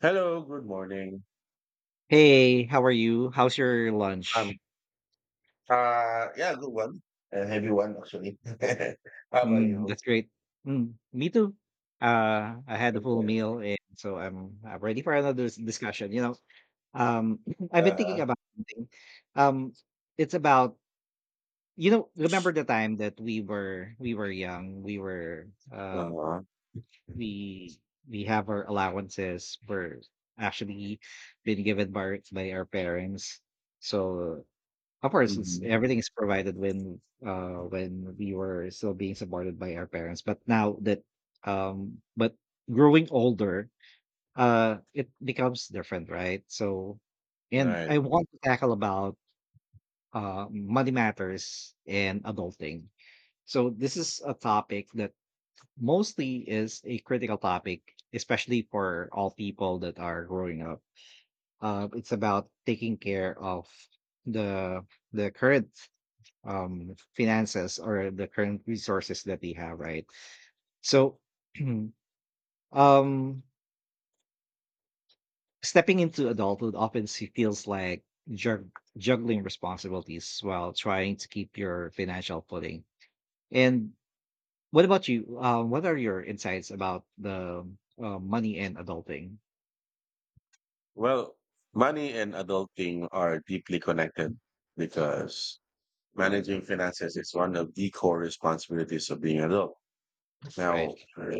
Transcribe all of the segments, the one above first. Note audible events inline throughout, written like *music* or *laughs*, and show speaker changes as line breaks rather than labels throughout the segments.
Hello, good morning.
Hey, how are you? How's your lunch?
Um, yeah, good one. A heavy one, actually. *laughs* How about
Mm,
you?
that's great. Mm, me too. I had a full
Okay.
meal, and so I am ready for another discussion. Um, *clears throat* I've been thinking
Uh-huh.
about something. Um, it's about remember the time that we were young. We were
Uh-huh.
we we have our allowances. We're actually been given by our parents. So of course, it's
Hmm.
everything is provided when we were still being supported by our parents. But now that, but growing older, it becomes different, right? So and
Right.
I want to tackle about money matters and adulting. So this is a topic that mostly is a critical topic, especially for all people that are growing up. It's about taking care of the current finances or the current resources that they have, right? So *clears throat* um stepping into adulthood often feels like jug- juggling responsibilities while trying to keep your financial footing. And what about you? What are your insights about the, money and adulting?
Well, money and adulting are deeply connected because managing finances is one of the core responsibilities of being adult. Now,
Right.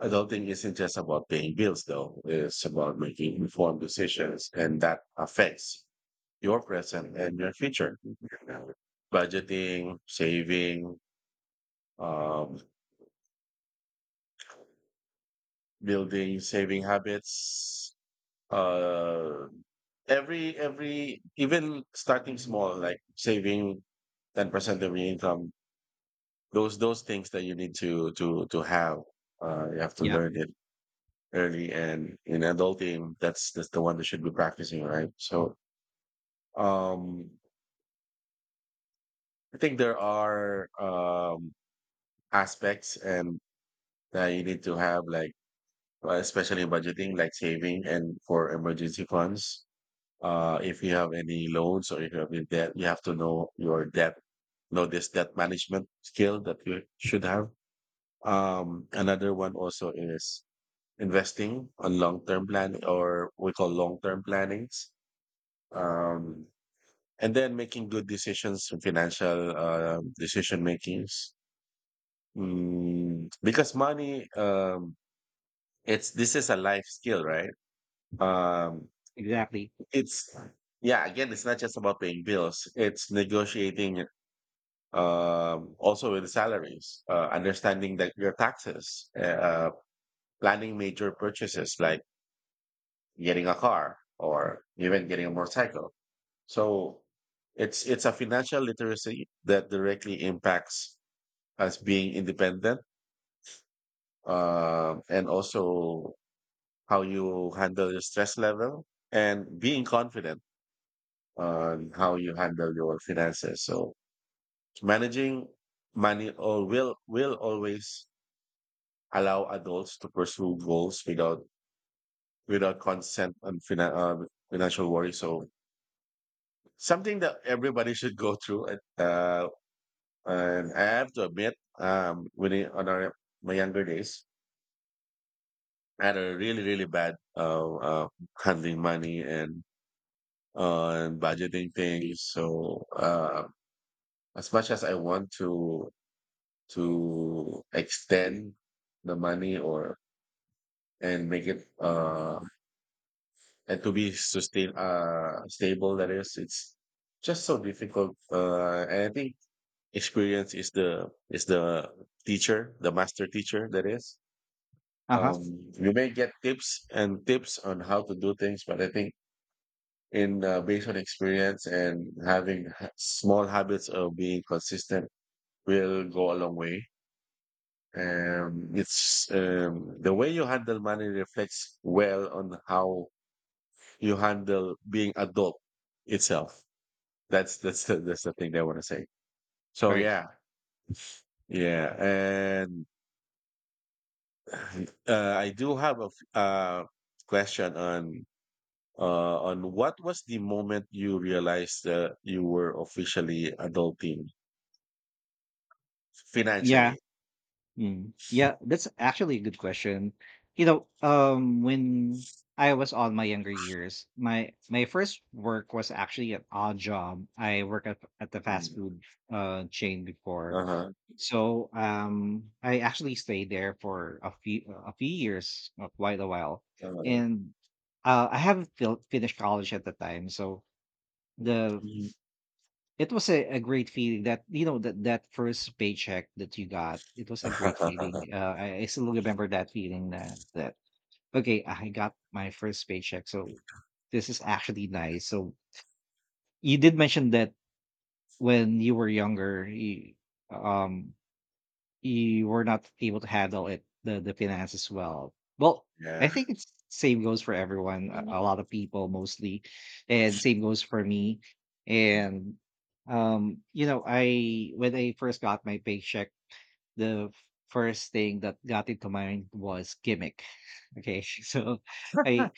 adulting isn't just about paying bills, though. It's about making informed decisions, and that affects your present and your future. Budgeting, saving, um, building saving habits. Uh, every even starting small, like saving 10% of your income. Those things that you need to have. You have to
Yeah.
learn it early, and in adulting, that's the one that should be practicing, right? So, um, I think there are aspects and that you need to have, like especially in budgeting, like saving and for emergency funds. If you have any loans or if you have any debt, you have to know your debt, know this debt management skill that you should have. Another one also is investing on long-term planning, or we call long-term plannings. um and then making good decisions, financial decision makings. Because money it's, this is a life skill, right? Um,
Exactly.
it's, yeah, again, it's not just about paying bills. It's negotiating also with salaries, understanding that your taxes, planning major purchases like getting a car or even getting a motorcycle. So it's a financial literacy that directly impacts us being independent, and also how you handle your stress level and being confident on how you handle your finances. So managing money or will always allow adults to pursue goals without consent and financial worry. So something that everybody should go through. And I have to admit, when I, on our, my younger days, I had a really bad handling money and budgeting things. So as much as I want to extend the money, or and make it and to be sustain stable, that is, it's just so difficult. And I think experience is the teacher, the master teacher, that is.
Uh-huh.
You may get tips and tips on how to do things, but I think in based on experience and having small habits of being consistent will go a long way. It's, the way you handle money reflects well on how you handle being adult itself. That's the thing they want to say. So
Right.
yeah, yeah, and *sighs* I do have a question on what was the moment you realized that you were officially adulting
Yeah.
financially?
Mm. Yeah, that's actually a good question. When I was on my younger years, my first work was actually an odd job. I worked at the fast
Mm.
food chain before,
Uh-huh.
so I actually stayed there for a few years, quite a while,
Uh-huh.
and I haven't finished college at the time, so the
Mm.
it was a great feeling that, you know, that that first paycheck that you got, it was a great feeling.
*laughs*
I still remember that feeling that okay, I got my first paycheck, so this is actually nice. So you did mention that when you were younger, you, um, you were not able to handle it the finances well. Well, I
Yeah.
think it's same goes for everyone, a, Mhm. A lot of people mostly, and same goes for me. And, you know, I when I first got my paycheck, the first thing that got into mind was gimmick. Okay, *laughs* so I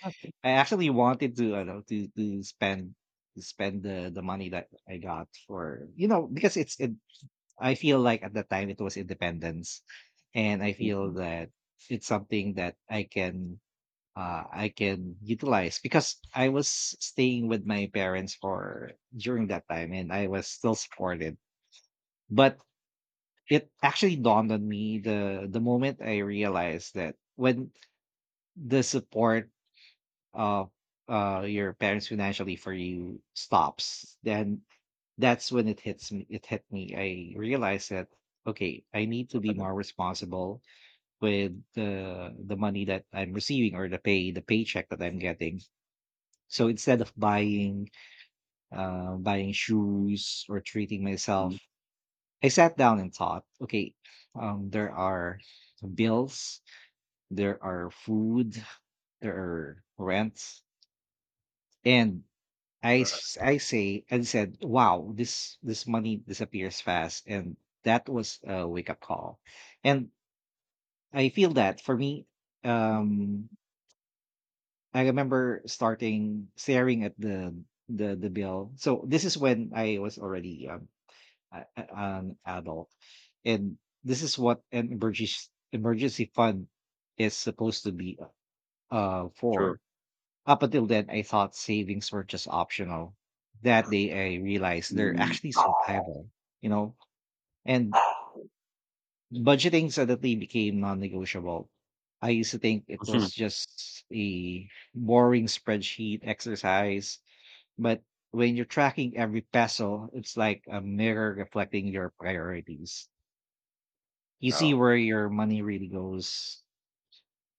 I actually wanted to I know to to spend the money that I got for you know because it's it. I feel like at that time it was independence, and I feel
Mhm.
that it's something that I can, I can utilize because I was staying with my parents for during that time, and I was still supported. But it actually dawned on me the moment I realized that when the support of, your parents financially for you stops, then that's when it hit me. I realized that okay, I need to
What
be
are the-
more responsible with the money that I'm receiving, or the paycheck that I'm getting. So instead of buying, buying shoes or treating
Mhm.
myself, I sat down and thought okay, there are bills, there are food, there are rent, and I s- I say and said, "Wow, this money disappears fast," and that was a wake up call. And I feel that for me, um, I remember starting staring at the the bill. So this is when I was already, an adult, and this is what an emergency fund is supposed to be
True.
for. Up until then, I thought savings were just optional. That day, I realized they're
Mhm.
actually survival, you know? And budgeting suddenly became non negotiable. I used to think it
Mhm.
was just a boring spreadsheet exercise, but when you're tracking every peso, it's like a mirror reflecting your priorities. You see
No.
where your money really goes.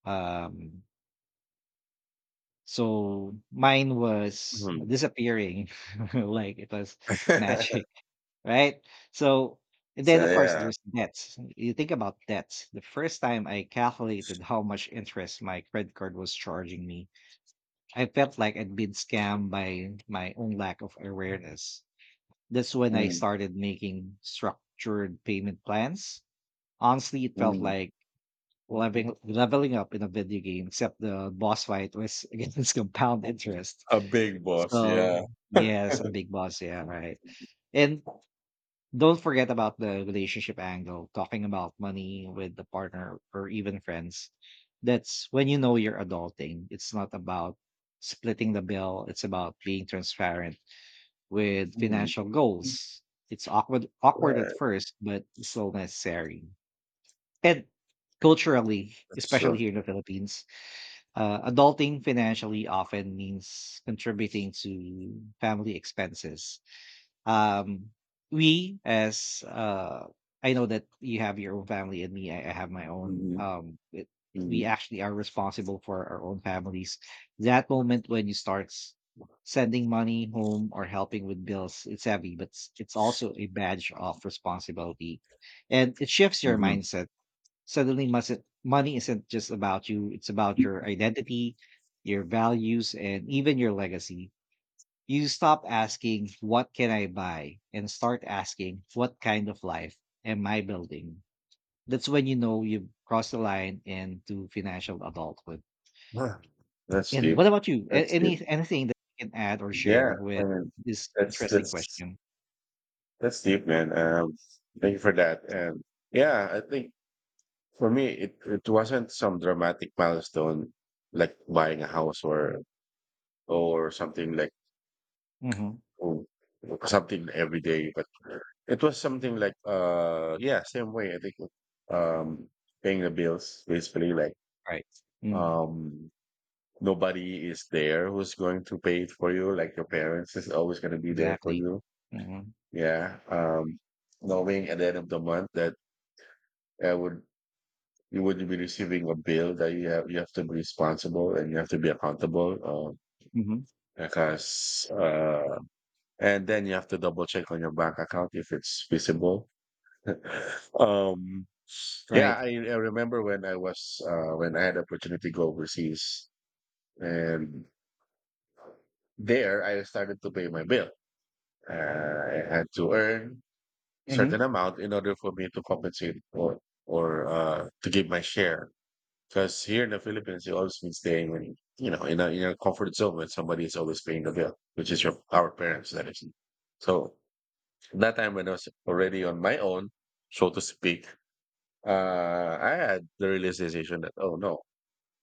Um, So mine was
Mhm.
disappearing *laughs* like it was magic,
*laughs*
*laughs* right? So and
So,
then of course
yeah.
there's debts. You think about debts. The first time I calculated how much interest my credit card was charging me, I felt like I'd been scammed by my own lack of awareness. That's when I
Mm,
started making structured payment plans. Honestly, it felt
mm.
like leveling up in a video game, except the boss fight was *laughs* against compound interest.
A big boss,
So,
yeah.
yes,
*laughs*
a big boss, yeah, right. And don't forget about the relationship angle, talking about money with the partner or even friends. That's when you know you're adulting. It's not about splitting the bill, it's about being transparent with
Mm.
financial goals. It's awkward at
Right,
first, but it's still necessary. And culturally,
that's
especially
true.
here in the Philippines, adulting financially often means contributing to family expenses. Um we as uh I know that you have your own family and me I have my own
Mhm,
we
mhm,
actually are responsible for our own families. That moment when you start sending money home or helping with bills, it's heavy, but it's also a badge of responsibility, and it shifts your
mhm.
mindset. Suddenly must money isn't just about you, it's about your identity, your values, and even your legacy. You stop asking, "What can I buy?" and start asking, "What kind of life am I building?" That's when you know you've crossed the line into financial adulthood.
Yeah. That's
And what
deep.
about you? A-
That's deep.
Any anything that you can add or
Yeah,
share with
I mean,
this
that's
interesting
that's
question?
that's deep, man. Thank you for that. And yeah, I think for me, it wasn't some dramatic milestone like buying a house or something like,
Hmm.
oh, something every day, but it was something like yeah, same way, I think um paying the bills, basically, like
Right. Mm,
um nobody is there who's going to pay it for you, like your parents is always gonna be there for
exactly.
you.
Hmm.
Yeah. Knowing at the end of the month that I would you would be receiving a bill that you have to be responsible and you have to be accountable.
Hmm.
Because and then you have to double check on your bank account if it's feasible. Um, yeah,
Right.
I remember when I was when I had the opportunity to go overseas, and there I started to pay my bill. I had to earn
Hmm.
certain amount in order for me to compensate or to give my share. Because here in the Philippines, you always been staying, in a comfort zone, when somebody is always paying the bill, which is your our parents, that is. So that time when I was already on my own, so to speak, I had the realization that, oh no,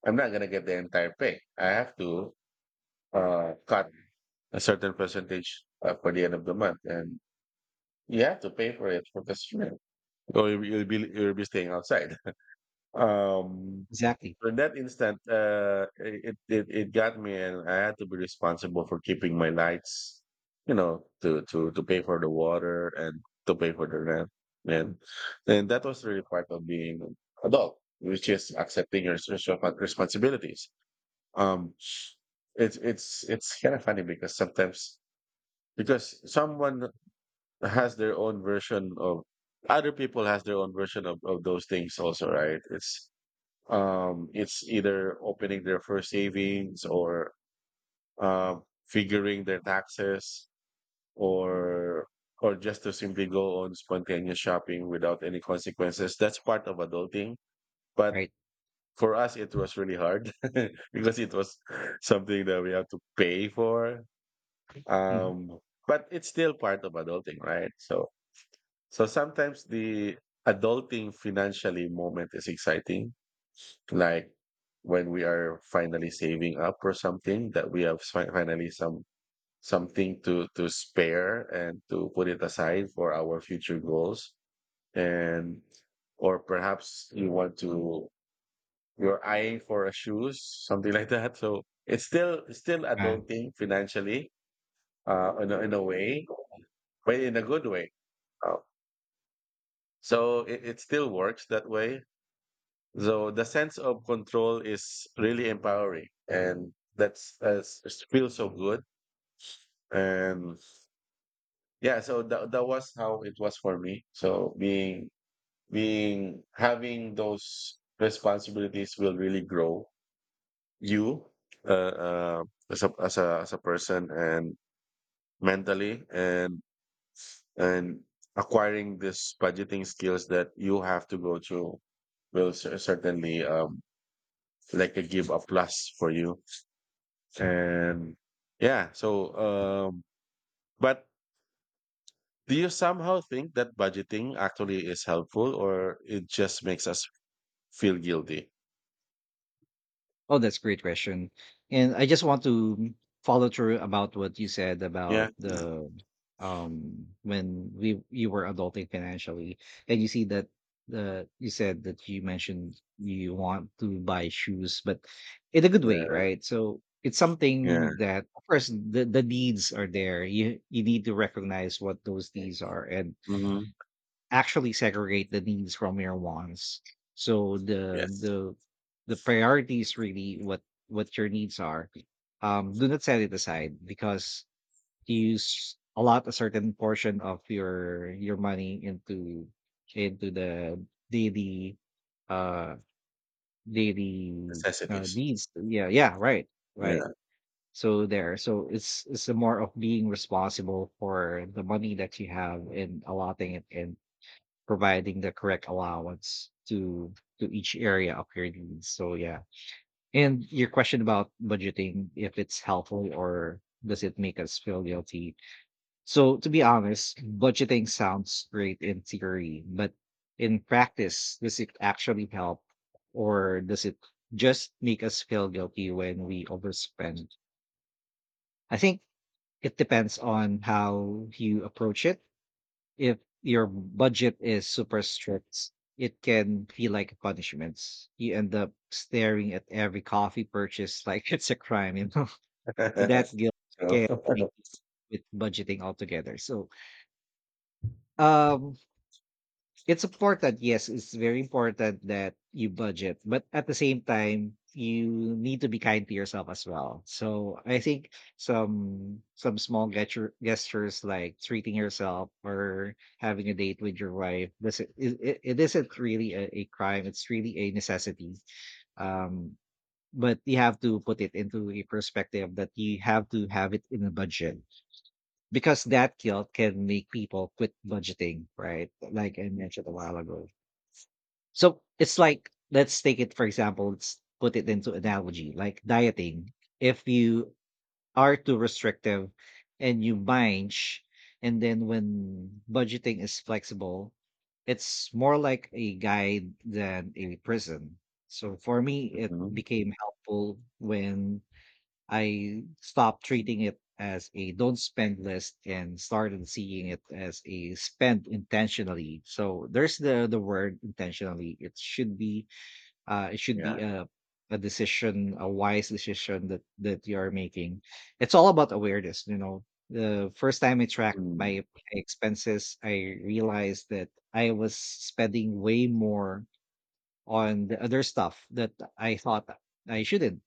I'm not going to get the entire pay. I have to cut a certain percentage for the end of the month. And you have to pay for it for this year. Or you'll be staying outside. *laughs* Um,
Exactly.
so in that instant, it got me, and I had to be responsible for keeping my lights, to pay for the water and to pay for the rent, and and that was really part of being adult, which is accepting your responsibilities. Um, it's kind of funny because sometimes, because someone has their own version of other people has their own version of those things also, right? It's it's either opening their first savings or figuring their taxes, or or just to simply go on spontaneous shopping without any consequences. That's part of adulting. But
Right.
for us, it was really hard *laughs* because it was something that we have to pay for.
Hmm.
Um, but it's still part of adulting, right? So sometimes the adulting financially moment is exciting, like when we are finally saving up for something that we have finally, something to spare and to put it aside for our future goals, and or perhaps you want to you're eyeing for a shoes, something *laughs* like that. So it's still adulting financially, in a, way, but in a good way. Uh, so it, it still works that way. So the sense of control is really empowering, and that's it feels so good. And yeah, so that was how it was for me. So being, having those responsibilities will really grow you, uh, uh, as a person, and mentally, and acquiring this budgeting skills that you have to go through will certainly, like, a give a plus for you. And yeah, so, but do you somehow think that budgeting actually is helpful, or it just makes us feel guilty?
Oh, that's a great question. And I just want to follow through about what you said
Yeah,
about the, when we you were adulting financially and you see that the you said that you mentioned you want to buy shoes, but in a good way,
yeah,
right? So it's
yeah.
something that of course the needs are there. You need to recognize what those needs are and
Hmm.
actually segregate the needs from your wants. So the
Yes,
the priority is really what your needs are. Do not set it aside because you use a lot a certain portion of your money into the daily, uh
necessities.
needs. Yeah, yeah, right, right.
Yeah.
So there, so it's a more of being responsible for the money that you have and allotting it in providing the correct allowance to each area of your needs. So yeah. And your question about budgeting, if it's helpful or does it make us feel guilty? So to be honest, budgeting sounds great in theory, but in practice, does it actually help, or does it just make us feel guilty when we overspend? I think it depends on how you approach it. If your budget is super strict, it can feel like a punishment. You end up staring at every coffee purchase *laughs* like it's a crime, you know. *laughs* That
*laughs*
guilt can
So.
make you
*laughs*
quit budgeting altogether. So um it's important. Yes, it's very important that you budget, but at the same time, you need to be kind to yourself as well. So I think some small gestures like treating yourself or having a date with your wife it isn't really a crime. It's really a necessity. Um, but you have to put it into a perspective that you have to have it in a budget, because that guilt can make people quit budgeting, right? Like I mentioned a while ago. So it's like let's take it for example, let's put it into analogy, like dieting. If you are too restrictive and you binge, and then when budgeting is flexible, it's more like a guide than a prison. So for me, it
Mhm.
became helpful when I stopped treating it as a don't spend list and started seeing it as a spend intentionally. So there's the word intentionally. It should be, it should be
Yeah.
a decision, a wise decision that you are making. It's all about awareness, you know. The first time I tracked
Mm.
my expenses, I realized that I was spending way more on the other stuff that I thought I shouldn't.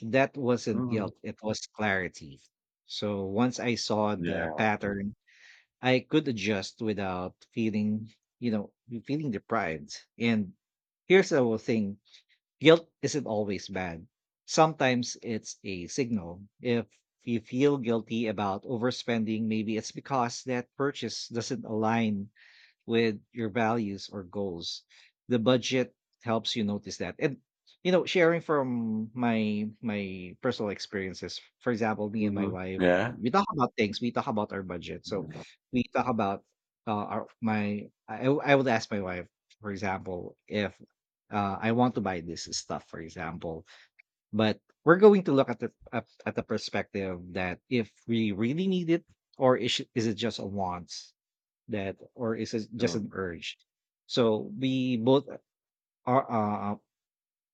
That wasn't
Mhm.
guilt, it was clarity. So once I saw the
Yeah.
pattern, I could adjust without feeling, you know, feeling deprived. And here's the whole thing, guilt isn't always bad. Sometimes it's a signal. If you feel guilty about overspending, maybe it's because that purchase doesn't align with your values or goals. The budget helps you notice that. And you know, sharing from my personal experiences, for example, me and my
Hmm.
wife,
Yeah.
we talk about things. We talk about our budget. So we talk about, our my. I would ask my wife, for example, if I want to buy this stuff, for example, but we're going to look at at the perspective that if we really need it or is it just a want that or is it just an urge so we both are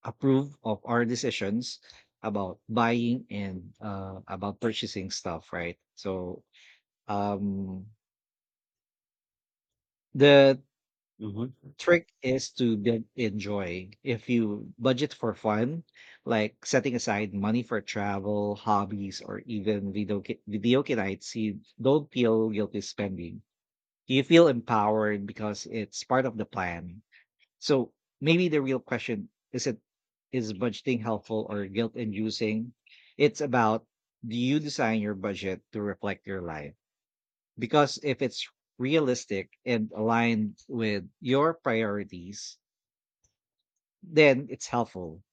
approve of our decisions about buying and about purchasing stuff, right? So um the
Mm-hmm.
trick is to build in joy. If you budget for fun, like setting aside money for travel, hobbies, or even nights, you don't feel guilty spending, you feel empowered because it's part of the plan. So maybe the real question isn't is budgeting helpful or guilt inducing? It's about, do you design your budget to reflect your life? Because if it's realistic and aligned with your priorities, then it's helpful.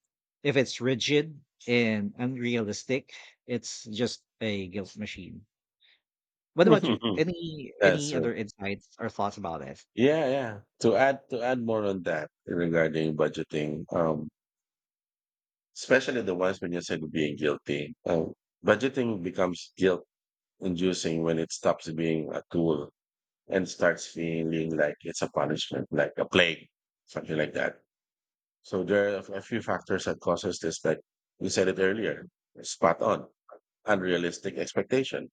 If it's rigid and unrealistic, it's just a guilt machine. What about you?
*laughs*
Any
That's
any
true.
other insights or thoughts about it?
Yeah, yeah. To add more on that regarding budgeting, especially the ones when you said being guilty. Budgeting becomes guilt inducing when it stops being a tool and starts feeling like it's a punishment, like a plague, something like that. So there are a few factors that causes this, like, you said it earlier, spot on: unrealistic expectation.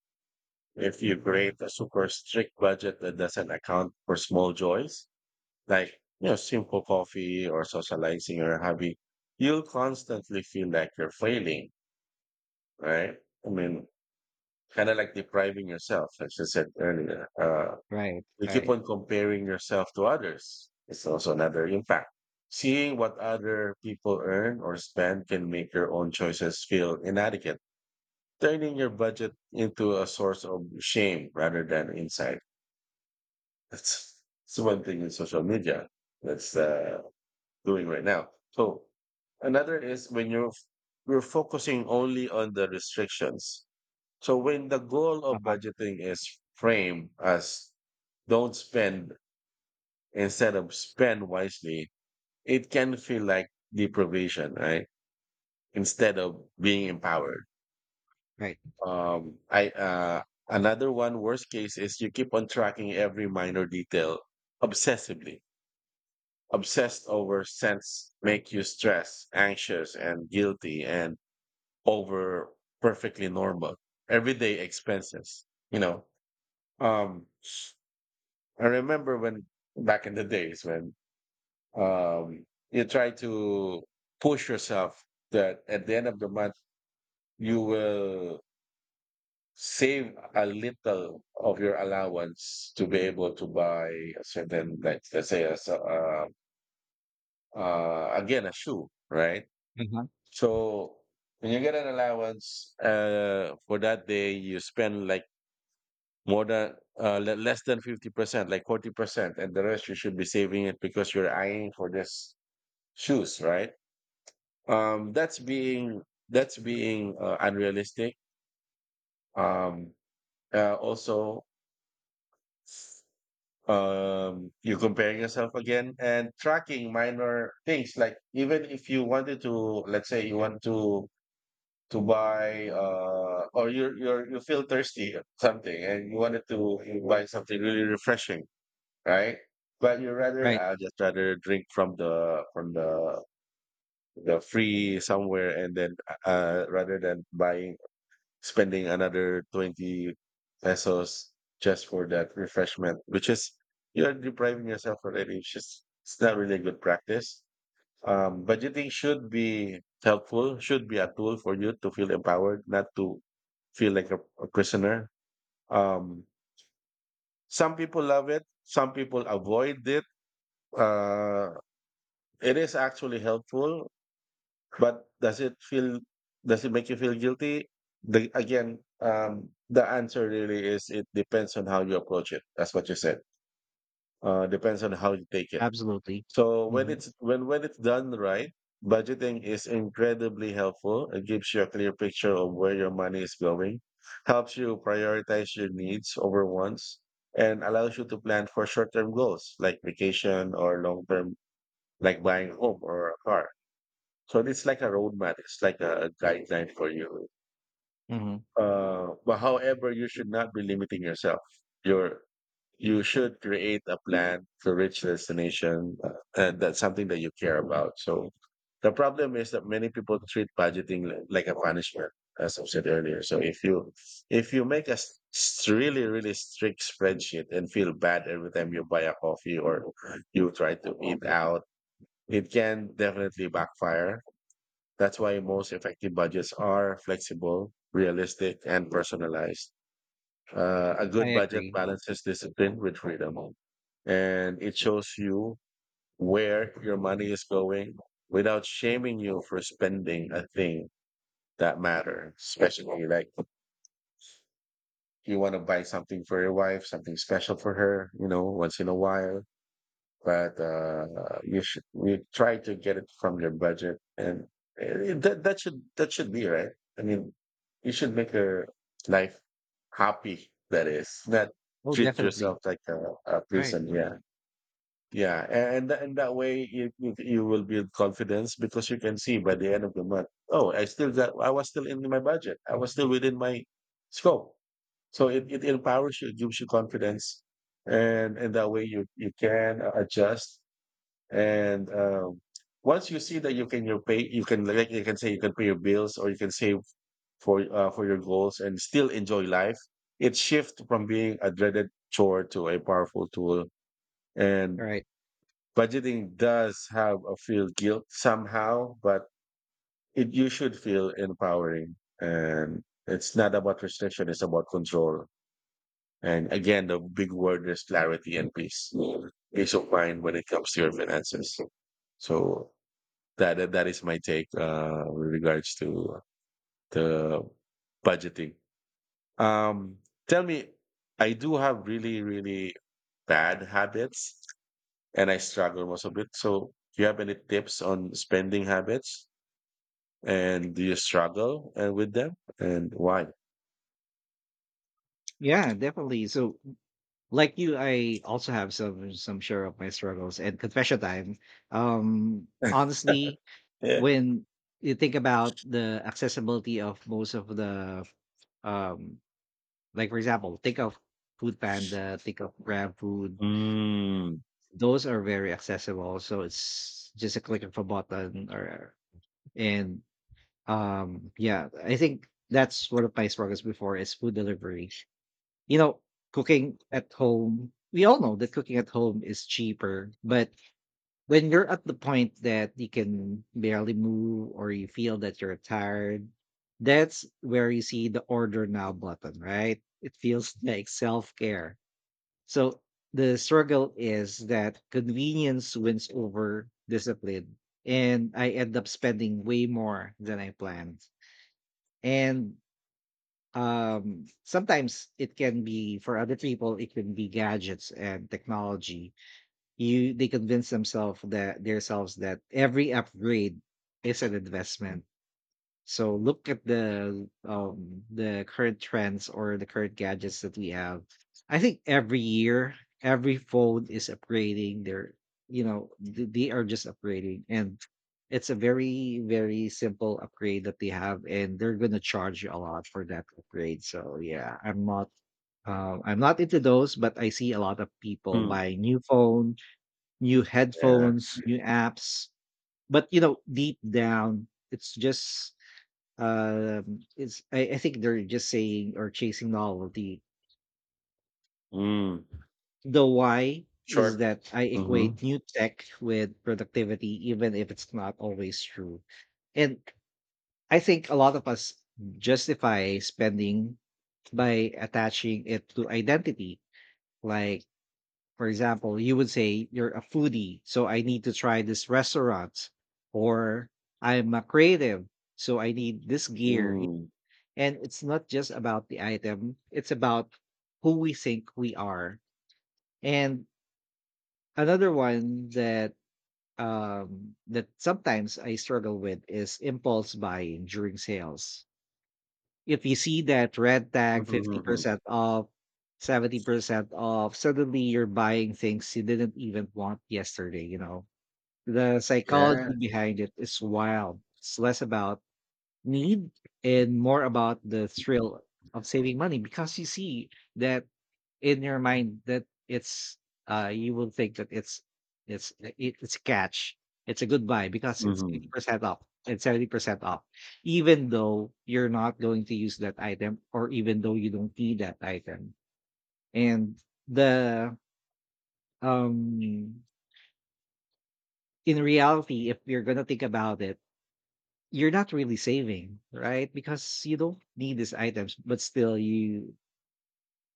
If you create a super strict budget that doesn't account for small joys, like, simple coffee or socializing or a hobby, you'll constantly feel like you're failing, right? I mean, kind of like depriving yourself, as I said earlier.
Right,
You keep
right.
on comparing yourself to others. It's also another impact. Seeing what other people earn or spend can make your own choices feel inadequate, turning your budget into a source of shame rather than insight. That's one thing in social media that's doing right now. So another is when you're focusing only on the restrictions. So when the goal of
Uh-huh.
budgeting is framed as "don't spend" instead of "spend wisely," it can feel like deprivation, right? Instead of being empowered.
Right.
I, another one worst case is you keep on tracking every minor detail obsessively. Obsessed over sense make you stressed, anxious, and guilty, and over perfectly normal everyday expenses. Um, I remember when back in the days when, um, you try to push yourself that at the end of the month you will save a little of your allowance to be able to buy a certain, like, let's say a, again, a shoe, right?
Uh-huh.
So when you get an allowance for that day you spend like more than less than 50% like 40%, and the rest you should be saving it because you're eyeing for this shoes, right? Um, that's being that's being unrealistic. Um, also, you're comparing yourself again and tracking minor things. Like, even if you wanted to, let's say you want to buy, or you feel thirsty or something, and you wanted to buy something really refreshing, right? But you rather,
Right.
I'll just rather drink from the know, free somewhere and then rather than buying spending another 20 pesos just for that refreshment, which is you're depriving yourself already. It's just it's not really a good practice. Budgeting should be helpful, should be a tool for you to feel empowered, not to feel like a prisoner. um, some people love it, some people avoid it. uh, it is actually helpful. But does it feel, does it make you feel guilty? The Again, the answer really is it depends on how you approach it. That's what you said. Depends on how you take it.
Absolutely.
So when
Mhm.
it's when when it's done right, budgeting is incredibly helpful. It gives you a clear picture of where your money is going, helps you prioritize your needs over wants, and allows you to plan for short-term goals like vacation, or long-term, like buying a home or a car. So it's like a roadmap, it's like a guideline for you.
Mhm.
But however, you should not be limiting yourself. You're you should create a plan to reach the destination, and that's something that you care about. So the problem is that many people treat budgeting like a punishment, as I've said earlier. So if you make a really really strict spreadsheet and feel bad every time you buy a coffee or you try to eat out, it can definitely backfire. That's why most effective budgets are flexible, realistic, and personalized. A
I
good budget
agree.
balances discipline with freedom, and it shows you where your money is going without shaming you for spending a thing that matter. Especially like you want to buy something for your wife, something special for her, you know, once in a while. But you should we try to get it from your budget, and that should be right. I mean, you should make your life happy. That is not
Oh,
treat yourself
definitely.
like a
Right.
prison. Yeah, yeah, and that way you will build confidence because you can see by the end of the month, oh, I was still in my budget, I was still within my scope. So it empowers you, it gives you confidence, and that way you can adjust. And once you see that you can you pay you can like you can say you can pay your bills or you can save for your goals and still enjoy life, it shifts from being a dreaded chore to a powerful tool. And
Right.
budgeting does have a feel guilt somehow, but it you should feel empowering. And it's not about restriction; it's about control. And again, the big word is clarity and peace, peace of mind when it comes to your finances. So that that is my take with regards to the budgeting. Um, Tell me, I do have really really bad habits, and I struggle most of it. So do you have any tips on spending habits, and do you struggle with them, and why?
Yeah, definitely. So like you, I also have some share of my struggles and confession time.
*laughs*
Honestly,
Yeah.
when you think about the accessibility of most of the um like for example, think of Food Panda, think of Grab Food.
Mm.
Those are very accessible. So it's just a click of a button, or and yeah, I think that's one of my struggles before is food delivery. You know, cooking at home, we all know that cooking at home is cheaper, but when you're at the point that you can barely move or you feel that you're tired, that's where you see the order now button, right? It feels like self care. So the struggle is that convenience wins over discipline, and I end up spending way more than I planned. And sometimes it can be for other people, it can be gadgets and technology. You they convince themselves that every upgrade is an investment. So look at the current trends or the current gadgets that we have. I think every year, every phone is upgrading their, you know, they are just upgrading and it's a very, very simple upgrade that they have and they're gonna charge you a lot for that upgrade. So yeah, I'm not into those, but I see a lot of people
Hmm.
buying new phone, new
Yeah.
headphones, new apps. But you know, deep down, it's just it's I think they're just saying or chasing novelty.
Mm.
The why is
Short.
that I equate
Mm-hmm.
new tech with productivity, even if it's not always true. And I think a lot of us justify spending by attaching it to identity. Like, for example, you would say, you're a foodie, so I need to try this restaurant, or I'm a creative, so I need this gear.
Mm.
And it's not just about the item, it's about who we think we are. And another one that that sometimes I struggle with is impulse buying during sales. If you see that red tag
Mm-hmm.
50% off, 70% off, suddenly you're buying things you didn't even want yesterday, you know. The
Yeah.
psychology behind it is wild. It's less about need and more about the thrill of saving money because you see that in your mind that it's you will think that it's it's a catch, it's a good buy because it's
Mm-hmm.
80% off and 70% off even though you're not going to use that item or even though you don't need that item and the um in reality if you're going to think about it, you're not really saving, right? Because you don't need these items, but still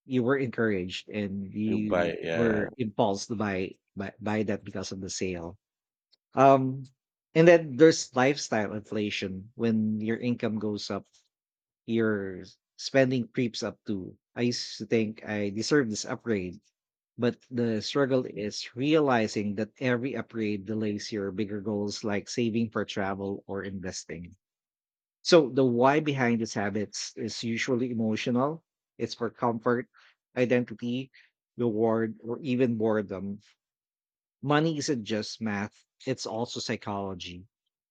you were encouraged and
You
you
buy.
were
Yeah.
impulsed to buy that because of the sale. Um and then there's lifestyle inflation. When your income goes up, your spending creeps up too. I used to think I deserve this upgrade, but the struggle is realizing that every upgrade delays your bigger goals like saving for travel or investing. So the why behind these habits is usually emotional. It's for comfort, identity, reward, or even boredom. Money isn't just math, it's also psychology.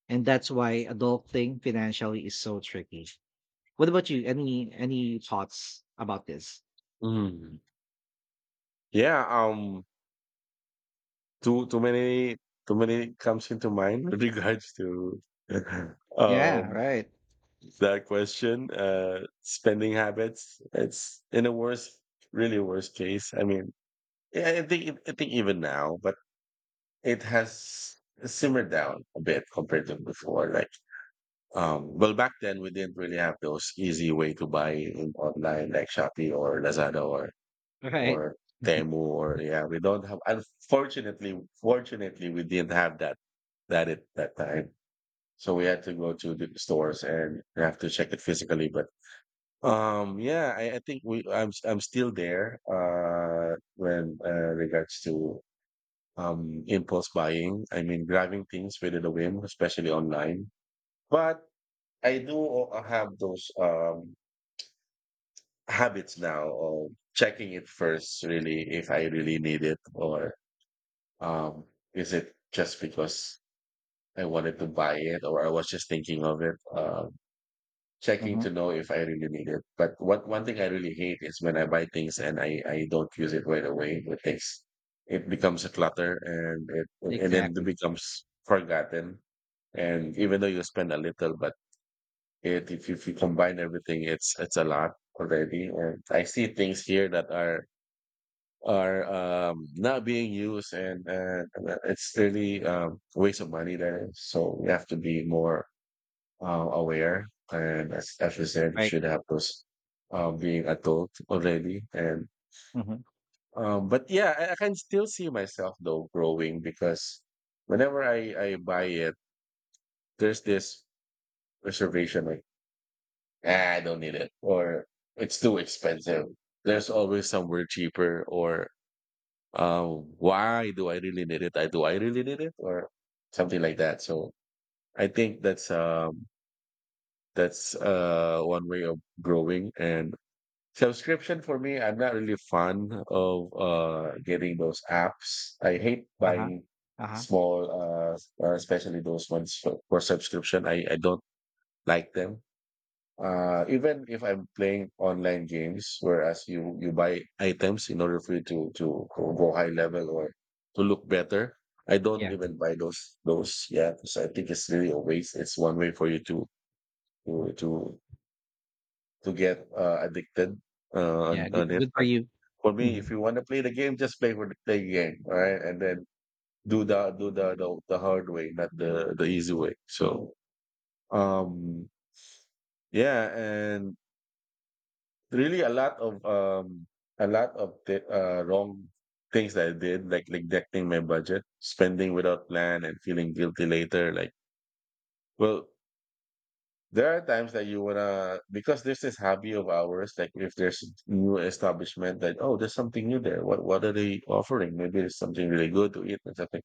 And that's why adulting financially is so tricky. What about you? Any thoughts about this?
Mm. Yeah. Too too many comes into mind with regards to *laughs*
Yeah,
um,
right.
that question. Spending habits. It's in a worst, really worst case. I mean, yeah, I think even now, but it has simmered down a bit compared to before. Like, well, back then we didn't really have those easy way to buy in online like Shopee or Lazada or
Right.
or
*laughs*
Temu, or yeah, we don't have, unfortunately, fortunately we didn't have that at that time. So we had to go to the stores and have to check it physically. But yeah, I think we I'm still there when regards to impulse buying. I mean grabbing things within a whim, especially online. But I do have those habits now of checking it first really if I really need it, or Um, is it just because I wanted to buy it, or I was just thinking of it? Checking
Hmm.
to know if I really need it. But what one thing I really hate is when I buy things and I don't use it right away. It takes, it becomes a clutter, and it and then it
Exactly.
becomes forgotten. And even though you spend a little, but it if you combine everything, it's a lot already. And I see things here that are not being used, and, and it's really a waste of money there. So we have to be more aware. And as you said, you
Right.
should have those being adult already. And
Hmm.
but yeah, I can still see myself though growing because whenever I buy it, there's this reservation like, ah, I don't need it, or it's too expensive. There's always somewhere cheaper, or why do I really need it? I really need it, or something like that. So I think that's one way of growing. And subscription for me, I'm not really fond of getting those apps. I hate
Uh-huh.
buying
Uh-huh.
small especially those ones for subscription. I don't like them, even if I'm playing online games, whereas you buy items in order for you to go high level or to look better. I don't
Yeah.
even buy those yet. So I think it's really a waste. It's one way for you to to to get addicted
Yeah.
on
Good,
on it.
good for
But
you.
for me, if
Mhm.
you want to play the game, just play for the play game, all right? And then do the hard way, not the easy way. So um yeah, and really a lot of the, wrong things that I did, like neglecting my budget, spending without plan, and feeling guilty later. Like, well, there are times that you wanna, because there's this hobby of ours, like if there's new establishment that, oh, there's something new there. What are they offering? Maybe there's something really good to eat and something.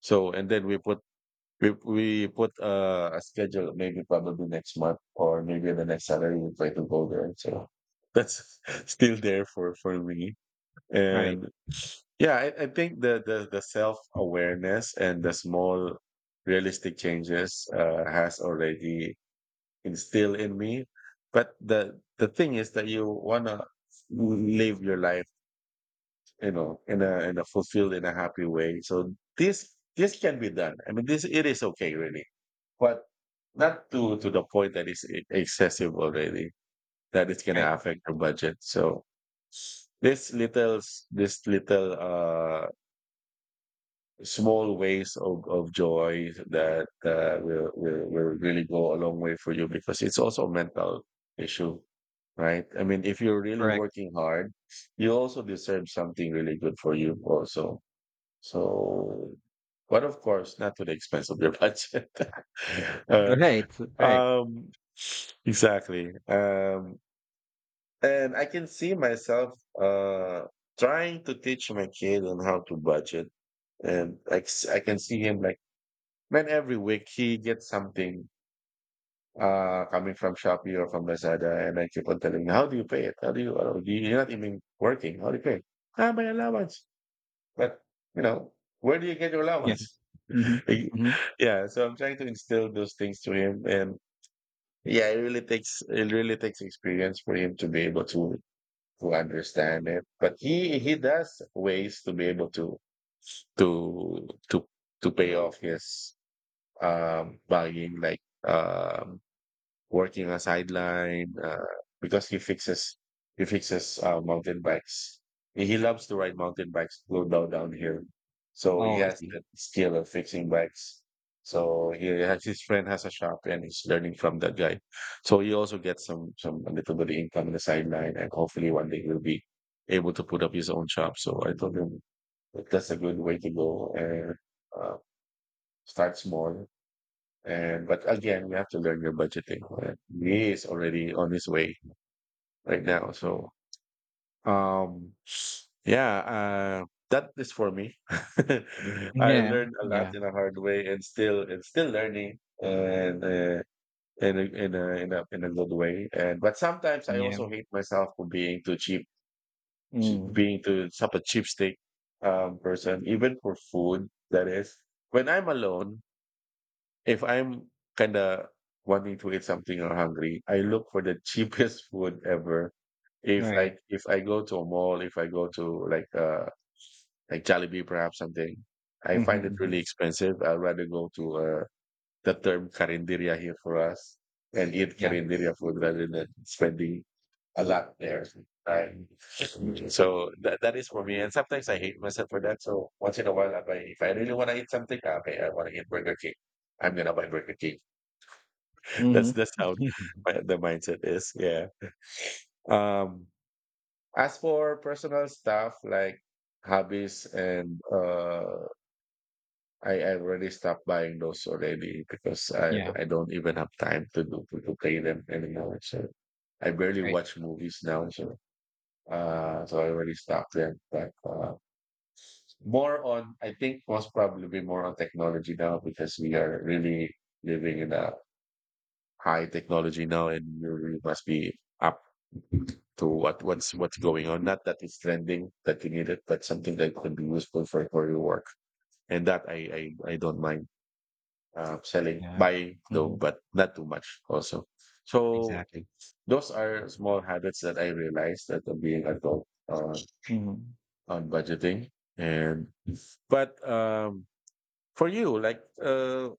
So, and then we put a schedule, maybe probably next month, or maybe the next salary we try to go there. So that's *laughs* still there for me.
All right.
And yeah, I think the self awareness and the small realistic changes has already instilled in me. But the thing is that you wanna live your life, you know, in a fulfilled, in a happy way. So this this can be done. I mean, this it is okay, really, but not to the point that it's excessive already, that it's
Right.
gonna affect your budget. So this little small ways of joy that will really go a long way for you because it's also a mental issue, right? I mean, if you're really
Correct.
working hard, you also deserve something really good for you also. So but of course not to the expense of your budget. *laughs*
*laughs*
uh,
Right. Right.
um, exactly. And I can see myself uh trying to teach my kid on how to budget, and I can see him like, man, every week he gets something coming from Shopee or from Lazada, and I keep on telling him, how do you pay it? How do you? You're not even working. How do you pay it? Ah, my allowance. But, you know, where do you get your
Yeah.
allowance?
Mhm. Mhm.
*laughs* Yeah. So I'm trying to instill those things to him, and yeah, it really takes, it really takes experience for him to be able to understand it. But he does ways to be able to to to pay off his buying, like um working a sideline, because he fixes mountain bikes. He loves to ride mountain bikes, go down here. So he
Oh, I
has
see.
that skill of fixing bikes. So he has his friend has a shop and he's learning from that guy. So he also gets some a little bit of income in the sideline, and hopefully one day he'll be able to put up his own shop. So I told him that that's a good way to go. And uh, start small. And but again, you have to learn your budgeting, right? He is already on his way right now. So um yeah, that is for me. *laughs* I
Yeah.
learned a lot
Yeah.
in a hard way, and still learning, and in a, in a good way. And but sometimes I
Yeah.
also hate myself for being too cheap,
Mm.
being too such a cheapskate person, even for food, that is. When I'm alone, if I'm kinda wanting to eat something or hungry, I look for the cheapest *laughs* food ever.
All
If
right.
I, if I go to a mall, if I go to like Jollibee perhaps something, I
Mhm,
find it really
mhm.
expensive. I'd rather go to a the term carinderia here for us and eat
Yeah.
carinderia food rather than spending a lot there. Right. So that is for me. And sometimes I hate myself for that. So once in a while, I buy, if I really want to eat something, okay, I want to eat Burger King. I'm gonna buy Burger King. *laughs* That's
Mhm.
that's how
*laughs*
the mindset is. Yeah. Um. As for personal stuff like hobbies and I already stopped buying those already because I
Yeah.
I don't even have time to to play them anymore. So I barely
Right.
watch movies now. So I already stopped them. But more on I think most probably be more on technology now because we are really living in a high technology now and we really must be up to what's going on. Not that it's trending that you need it, but something that could be useful for your work. And that I don't mind. Selling,
Yeah.
buying though,
Mhm.
but not too much also. So
Exactly.
those are small habits that I realized that of being adult,
Mhm.
on budgeting. And but for you, like,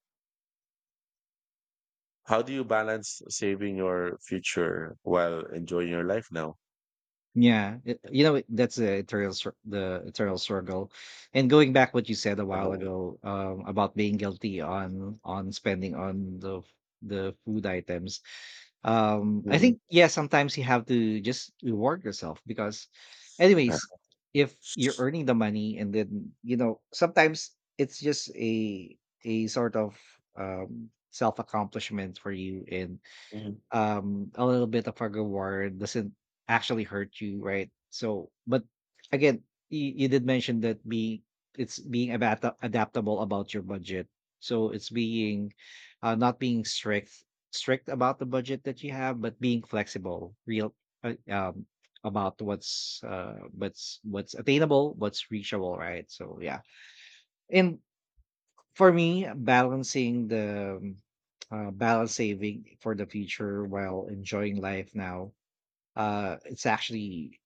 how do you balance saving your future while enjoying your life now?
Yeah. It you know, that's the eternal struggle. And going back what you said a while
Uh-huh.
ago, about being guilty on spending on the food items. I
Mhm.
think yeah, sometimes you have to just reward yourself because
Uh,
anyways, if you're earning the money, and then you know sometimes it's just a sort of self accomplishment for you, and
mm.
a little bit of a reward doesn't actually hurt you, right? So but again, you did mention that being it's being about adaptable about your budget, so it's being not being strict about the budget that you have but being flexible real uh, um about what's attainable, what's reachable, right? So yeah, and for me, balancing the balance saving for the future while enjoying life now, it's actually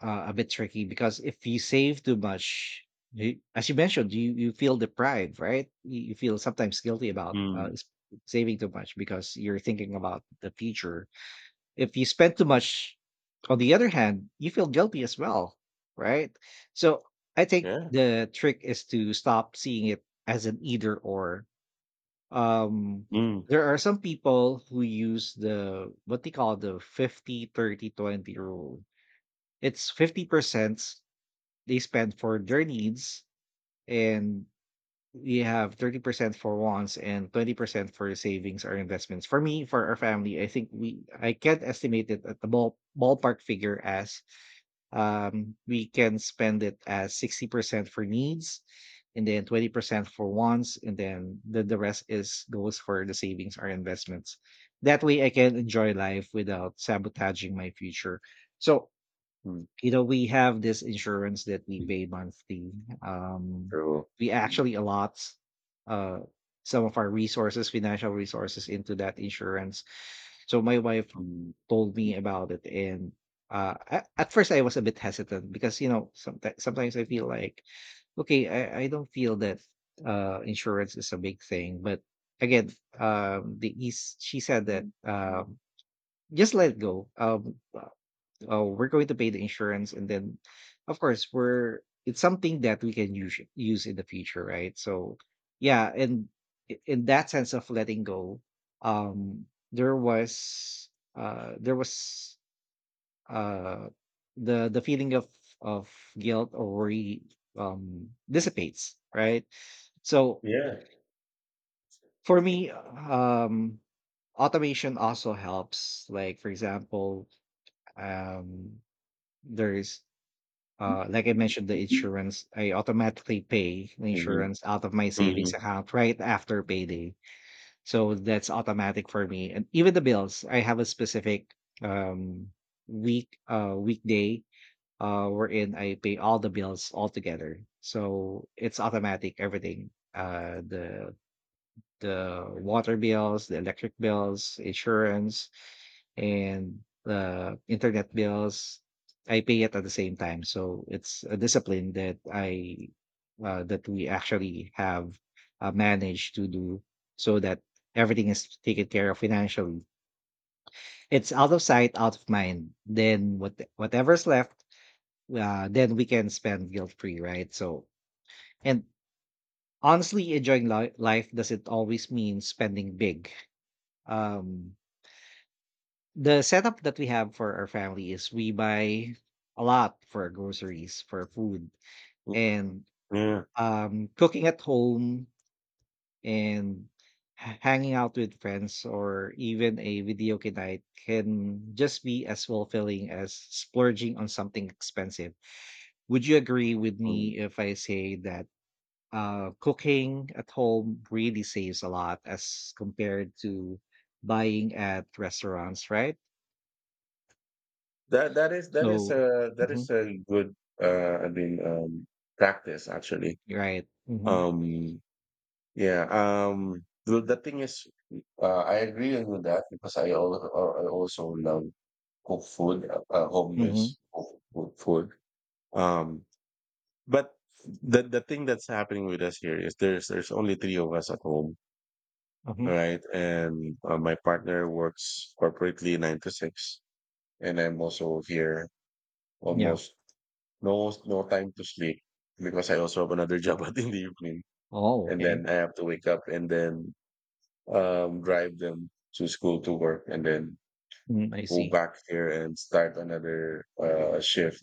a bit tricky because if you save too much, you, as you mentioned, you feel deprived, right? You feel sometimes guilty about
Mm.
saving too much because you're thinking about the future. If you spend too much, on the other hand, you feel guilty as well, right? So I think
Yeah.
the trick is to stop seeing it as an either or. um,
Mm.
there are some people who use the what they call the 50/30/20 rule. It's 50% they spend for their needs and we have 30% for wants and 20% for savings or investments. For me, for our family, I think we I can't estimate it at the ballpark figure as we can spend it as 60% for needs and then 20% for wants and then the rest is goes for the savings or investments, that way I can enjoy life without sabotaging my future. So
Mm.
you know, we have this insurance that we pay monthly.
True.
We actually allot uh some of our resources, financial resources, into that insurance. So my wife
Mm.
told me about it, and at first I was a bit hesitant because you know sometimes I feel like okay, I don't feel that insurance is a big thing but again, the east she said that just let it go we're going to pay the insurance and then of course we're it's something that we can use in the future, right? So yeah, and in that sense of letting go um, there was uh, there was uh the feeling of guilt or worry dissipates, right? So
Yeah.
for me automation also helps, like for example, um there's like I mentioned the insurance, I automatically pay the
Mm-hmm.
insurance out of my
Hmm.
savings account right after payday. So that's automatic for me, and even the bills, I have a specific um week weekday wherein I pay all the bills altogether. So it's automatic everything. The water bills, the electric bills, insurance, and the internet bills. I pay it at the same time. So it's a discipline that I that we actually have managed to do so that everything is taken care of financially. It's out of sight, out of mind. Then whatever's left then we can spend guilt free, right? So, and honestly, enjoying life doesn't always mean spending big. Um, the setup that we have for our family is we buy a lot for our groceries, for food, and
Yeah.
cooking at home and hanging out with friends or even a video game night can just be as fulfilling as splurging on something expensive. Would you agree with
Mm.
me if I say that cooking at home really saves a lot as compared to buying at restaurants, right?
That
So,
that
mhm,
is a good I mean practice actually.
right. Mm-hmm,
Um yeah, the thing is, I agree with that because I also love cook food, home
mm-hmm,
based cook food. Um but the thing that's happening with us here is there's only three of us at home,
hmm.
right? And my partner works corporately 9 to 6, and I'm also here
Yeah.
almost. No, no time to sleep because I also have another job *laughs* at in the evening,
Oh,
and
okay.
then I have to wake up, and then, drive them to school, to work, and then
Mm, I
go
see.
back here and start another, shift.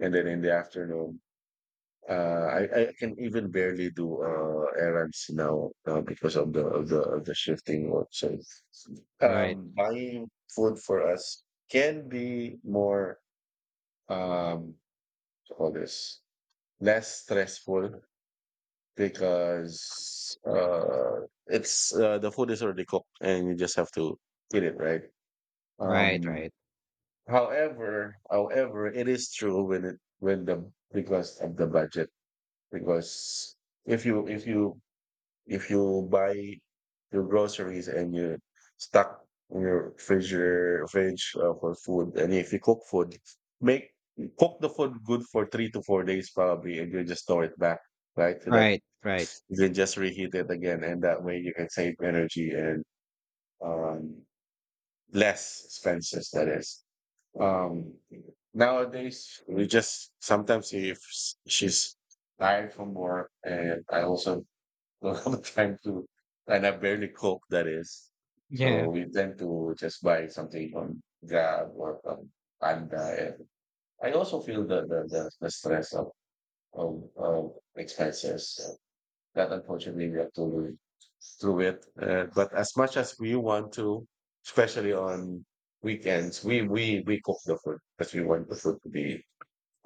And then in the afternoon, uh, I I can even barely do, errands now, because of the shifting work. So,
Right,
buying food for us can be more, um, what do you call this, less stressful, because it's, the food is already cooked and you just have to eat it, right?
right,
Um,
right,
However, it is true when it when the because of the budget. Because if you if you if you buy your groceries and you stock your fridge, for food. And if you cook food, make cook the food good for 3 to 4 days probably, and you just store it back, right? So that
right, right.
you can just reheat it again, and that way you can save energy and, um, less expenses. That is. Um, Nowadays, we just sometimes, if she's tired from work, and I also *laughs* don't have the time to, and I barely cook. That is,
Yeah,
so we tend to just buy something from Grab or from Panda. And I also feel the stress of of expenses that unfortunately we have to live through it. But as much as we want to, especially on weekends, we cook the food because we want the food to be,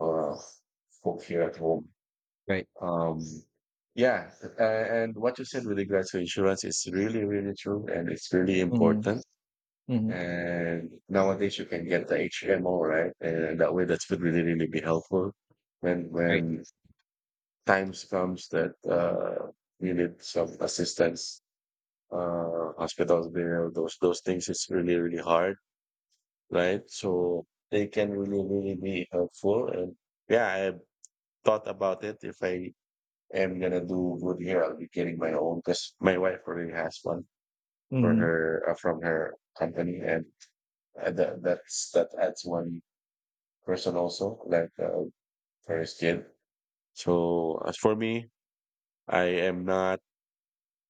uh, cooked here at home.
right.
Um, yeah, and what you said with regards to insurance is really really true, and it's really
Mm-hmm,
important.
mm-hmm,
And nowadays you can get the HMO, right? And that way that would really really be helpful
right.
when times comes that, you need some assistance, hospitals there, those things, it's really, really hard, right? So they can really, really be helpful. And yeah, I thought about it. If I am gonna do good here, I'll be getting my own because my wife already has one for
Mm-hmm,
her from her company, and that adds one person also, like, for his kid. So as for me, I am not.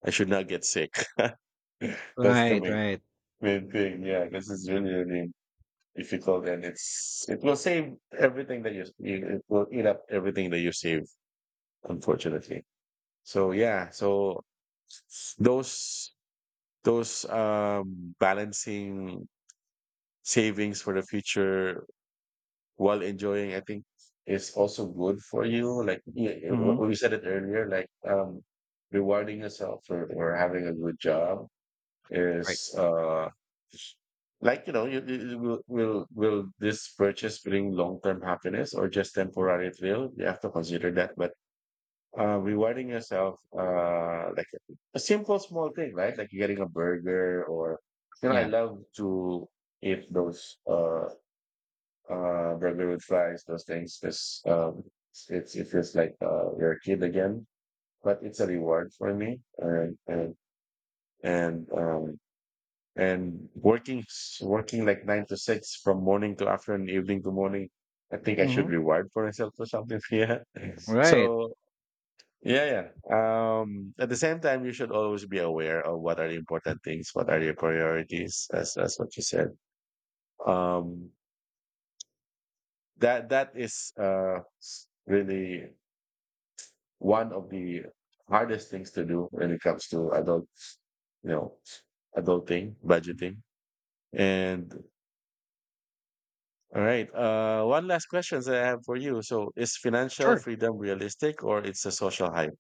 I should not get sick. *laughs* That's the
right, right.
main thing. Yeah, this is really, really difficult, and it will save everything that it will eat up everything that you save, unfortunately. So yeah, so those those, balancing savings for the future while enjoying, I think, is also good for you, like,
Mm-hmm,
what we said it earlier, like, rewarding yourself for having a good job
right.
is, like, you know, will this purchase bring long-term happiness or just temporary thrill? You have to consider that. But rewarding yourself, like a simple small thing, right? Like you getting a burger or, I
Yeah.
love to eat those, burger with fries, those things. This, it's, it feels like, you're a kid again, but it's a reward for me. And um, and working working like 9 to 6 from morning to afternoon, evening to morning. I think I should
Mm-hmm,
reward for myself or something. *laughs* Yeah.
right.
So yeah, yeah. At the same time, you should always be aware of what are the important things, what are your priorities, as what you said. Um, that is really one of the hardest things to do when it comes to adults, you know, adulting, budgeting, and... All right. One last question that I have for you. So, is financial
Sure.
freedom realistic or it's a social hype?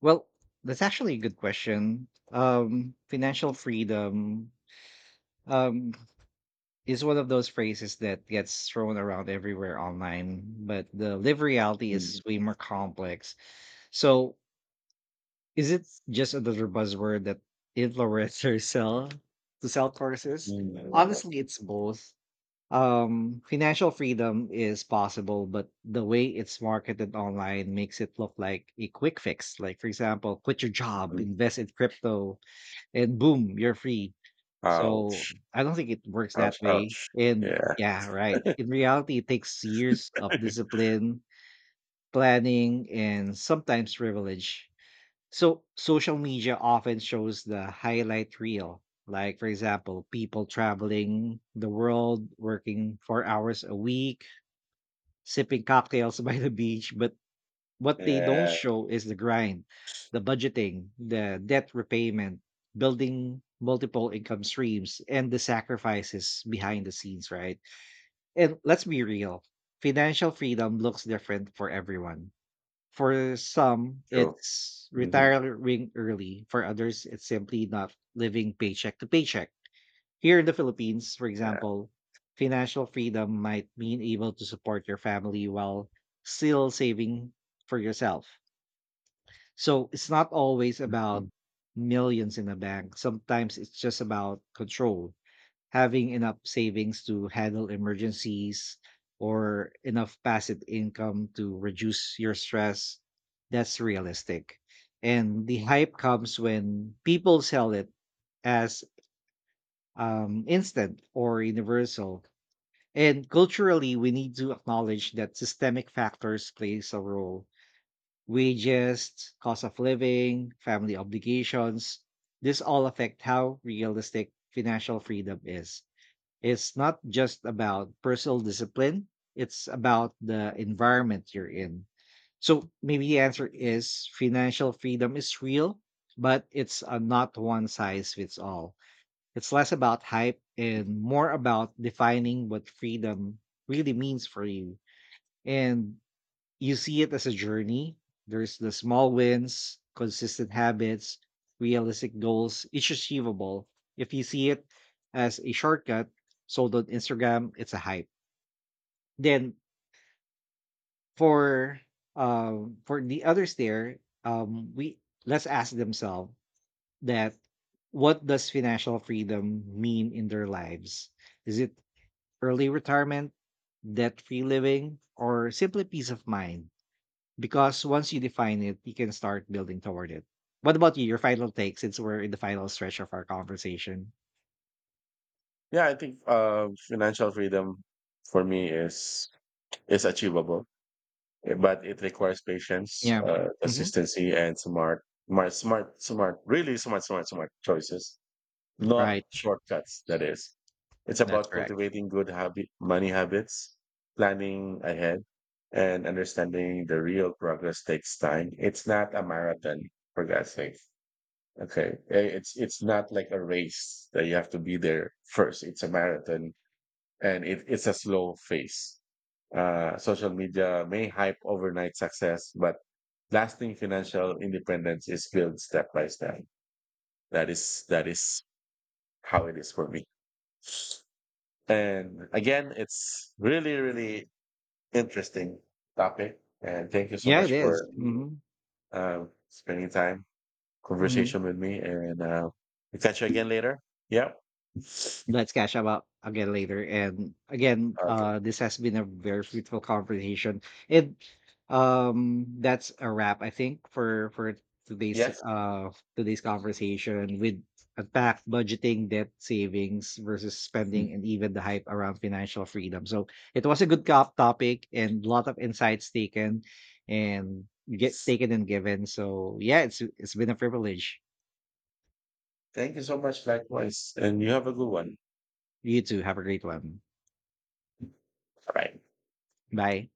Well, that's actually a good question. Financial freedom. Um, is one of those phrases that gets thrown around everywhere online, but the live reality is
*laughs*
way more complex. So, is it just another buzzword that influencers sell to sell courses?
Mm, mm,
Honestly, it's both. Financial freedom is possible, but the way it's marketed online makes it look like a quick fix. Like, for example, quit your job,
mm.
invest in crypto, and boom, you're free. So,
Ouch!
I don't think it works that
Ouch!
way,
Ouch!
and
Yeah.
yeah, right.
*laughs*
In reality, it takes years of discipline, planning, and sometimes privilege. So, social media often shows the highlight reel, like, for example, people traveling the world, working 4 hours a week, sipping cocktails *laughs* by the beach, but what they don't
Yeah.
show is the grind, the budgeting, the debt repayment, building multiple income streams, and the sacrifices behind the scenes, right? And let's be real, financial freedom looks different for everyone. For some,
True.
it's
Hmm.
retiring early. For others, it's simply not living paycheck to paycheck. Here in the Philippines, for
Yeah.
example, financial freedom might mean able to support your family while still saving for yourself, so it's not always about
Mm.
millions in a bank. Sometimes it's just about control, having enough savings to handle emergencies or enough passive income to reduce your stress. That's realistic. And the hype comes when people sell it as instant or universal. And culturally, we need to acknowledge that systemic factors plays a role, wages, cost of living, family obligations. This all affect how realistic financial freedom is. It's not just about personal discipline, it's about the environment you're in. So maybe the answer is financial freedom is real, but it's a not one size fits all. It's less about hype and more about defining what freedom really means for you. And you see it as a journey. There's the small wins, consistent habits, realistic goals. It's achievable. If you see it as a shortcut sold on Instagram, it's a hype. Then for for the others there, we let's ask themselves that, what does financial freedom mean in their lives? Is it early retirement, debt free living, or simply peace of mind? Because once you define it, you can start building toward it. What about you? Your final take, since we're in the final stretch of our conversation.
Yeah, I think, financial freedom for me is achievable, eh, but it requires patience,
Yeah. Hmm.
consistency, and smart, smart, smart, smart, really smart, smart, smart choices. Not
Right.
shortcuts. That is, it's
That's
about
correct.
cultivating good habit, money habits, planning ahead, and understanding the real progress takes time. It's not a marathon, for God's sake. Okay, eh, it's not like a race that you have to be there first. It's a marathon, and it's a slow phase. Social media may hype overnight success, but lasting financial independence is built step by step. That is how it is for me. And again, it's really, really interesting topic. And thank you so
Yeah,
much
it.
for,
Mm-hmm.
spending time
Mm-hmm.
conversation with me. And, we'll catch you again later. Yeah. Okay.
Let's catch up again later. And again, this has been a very fruitful conversation. And that's a wrap, I think, for today's
Yes.
today's conversation with unpacked budgeting, debt savings versus
Mhm.
spending, and even the hype around financial freedom. So it was a good cop topic and a lot of insights taken and get taken and given. So yeah, it's been a privilege.
Thank you so much. Likewise. And you have a good one.
You too. Have a great one.
All right.
Bye.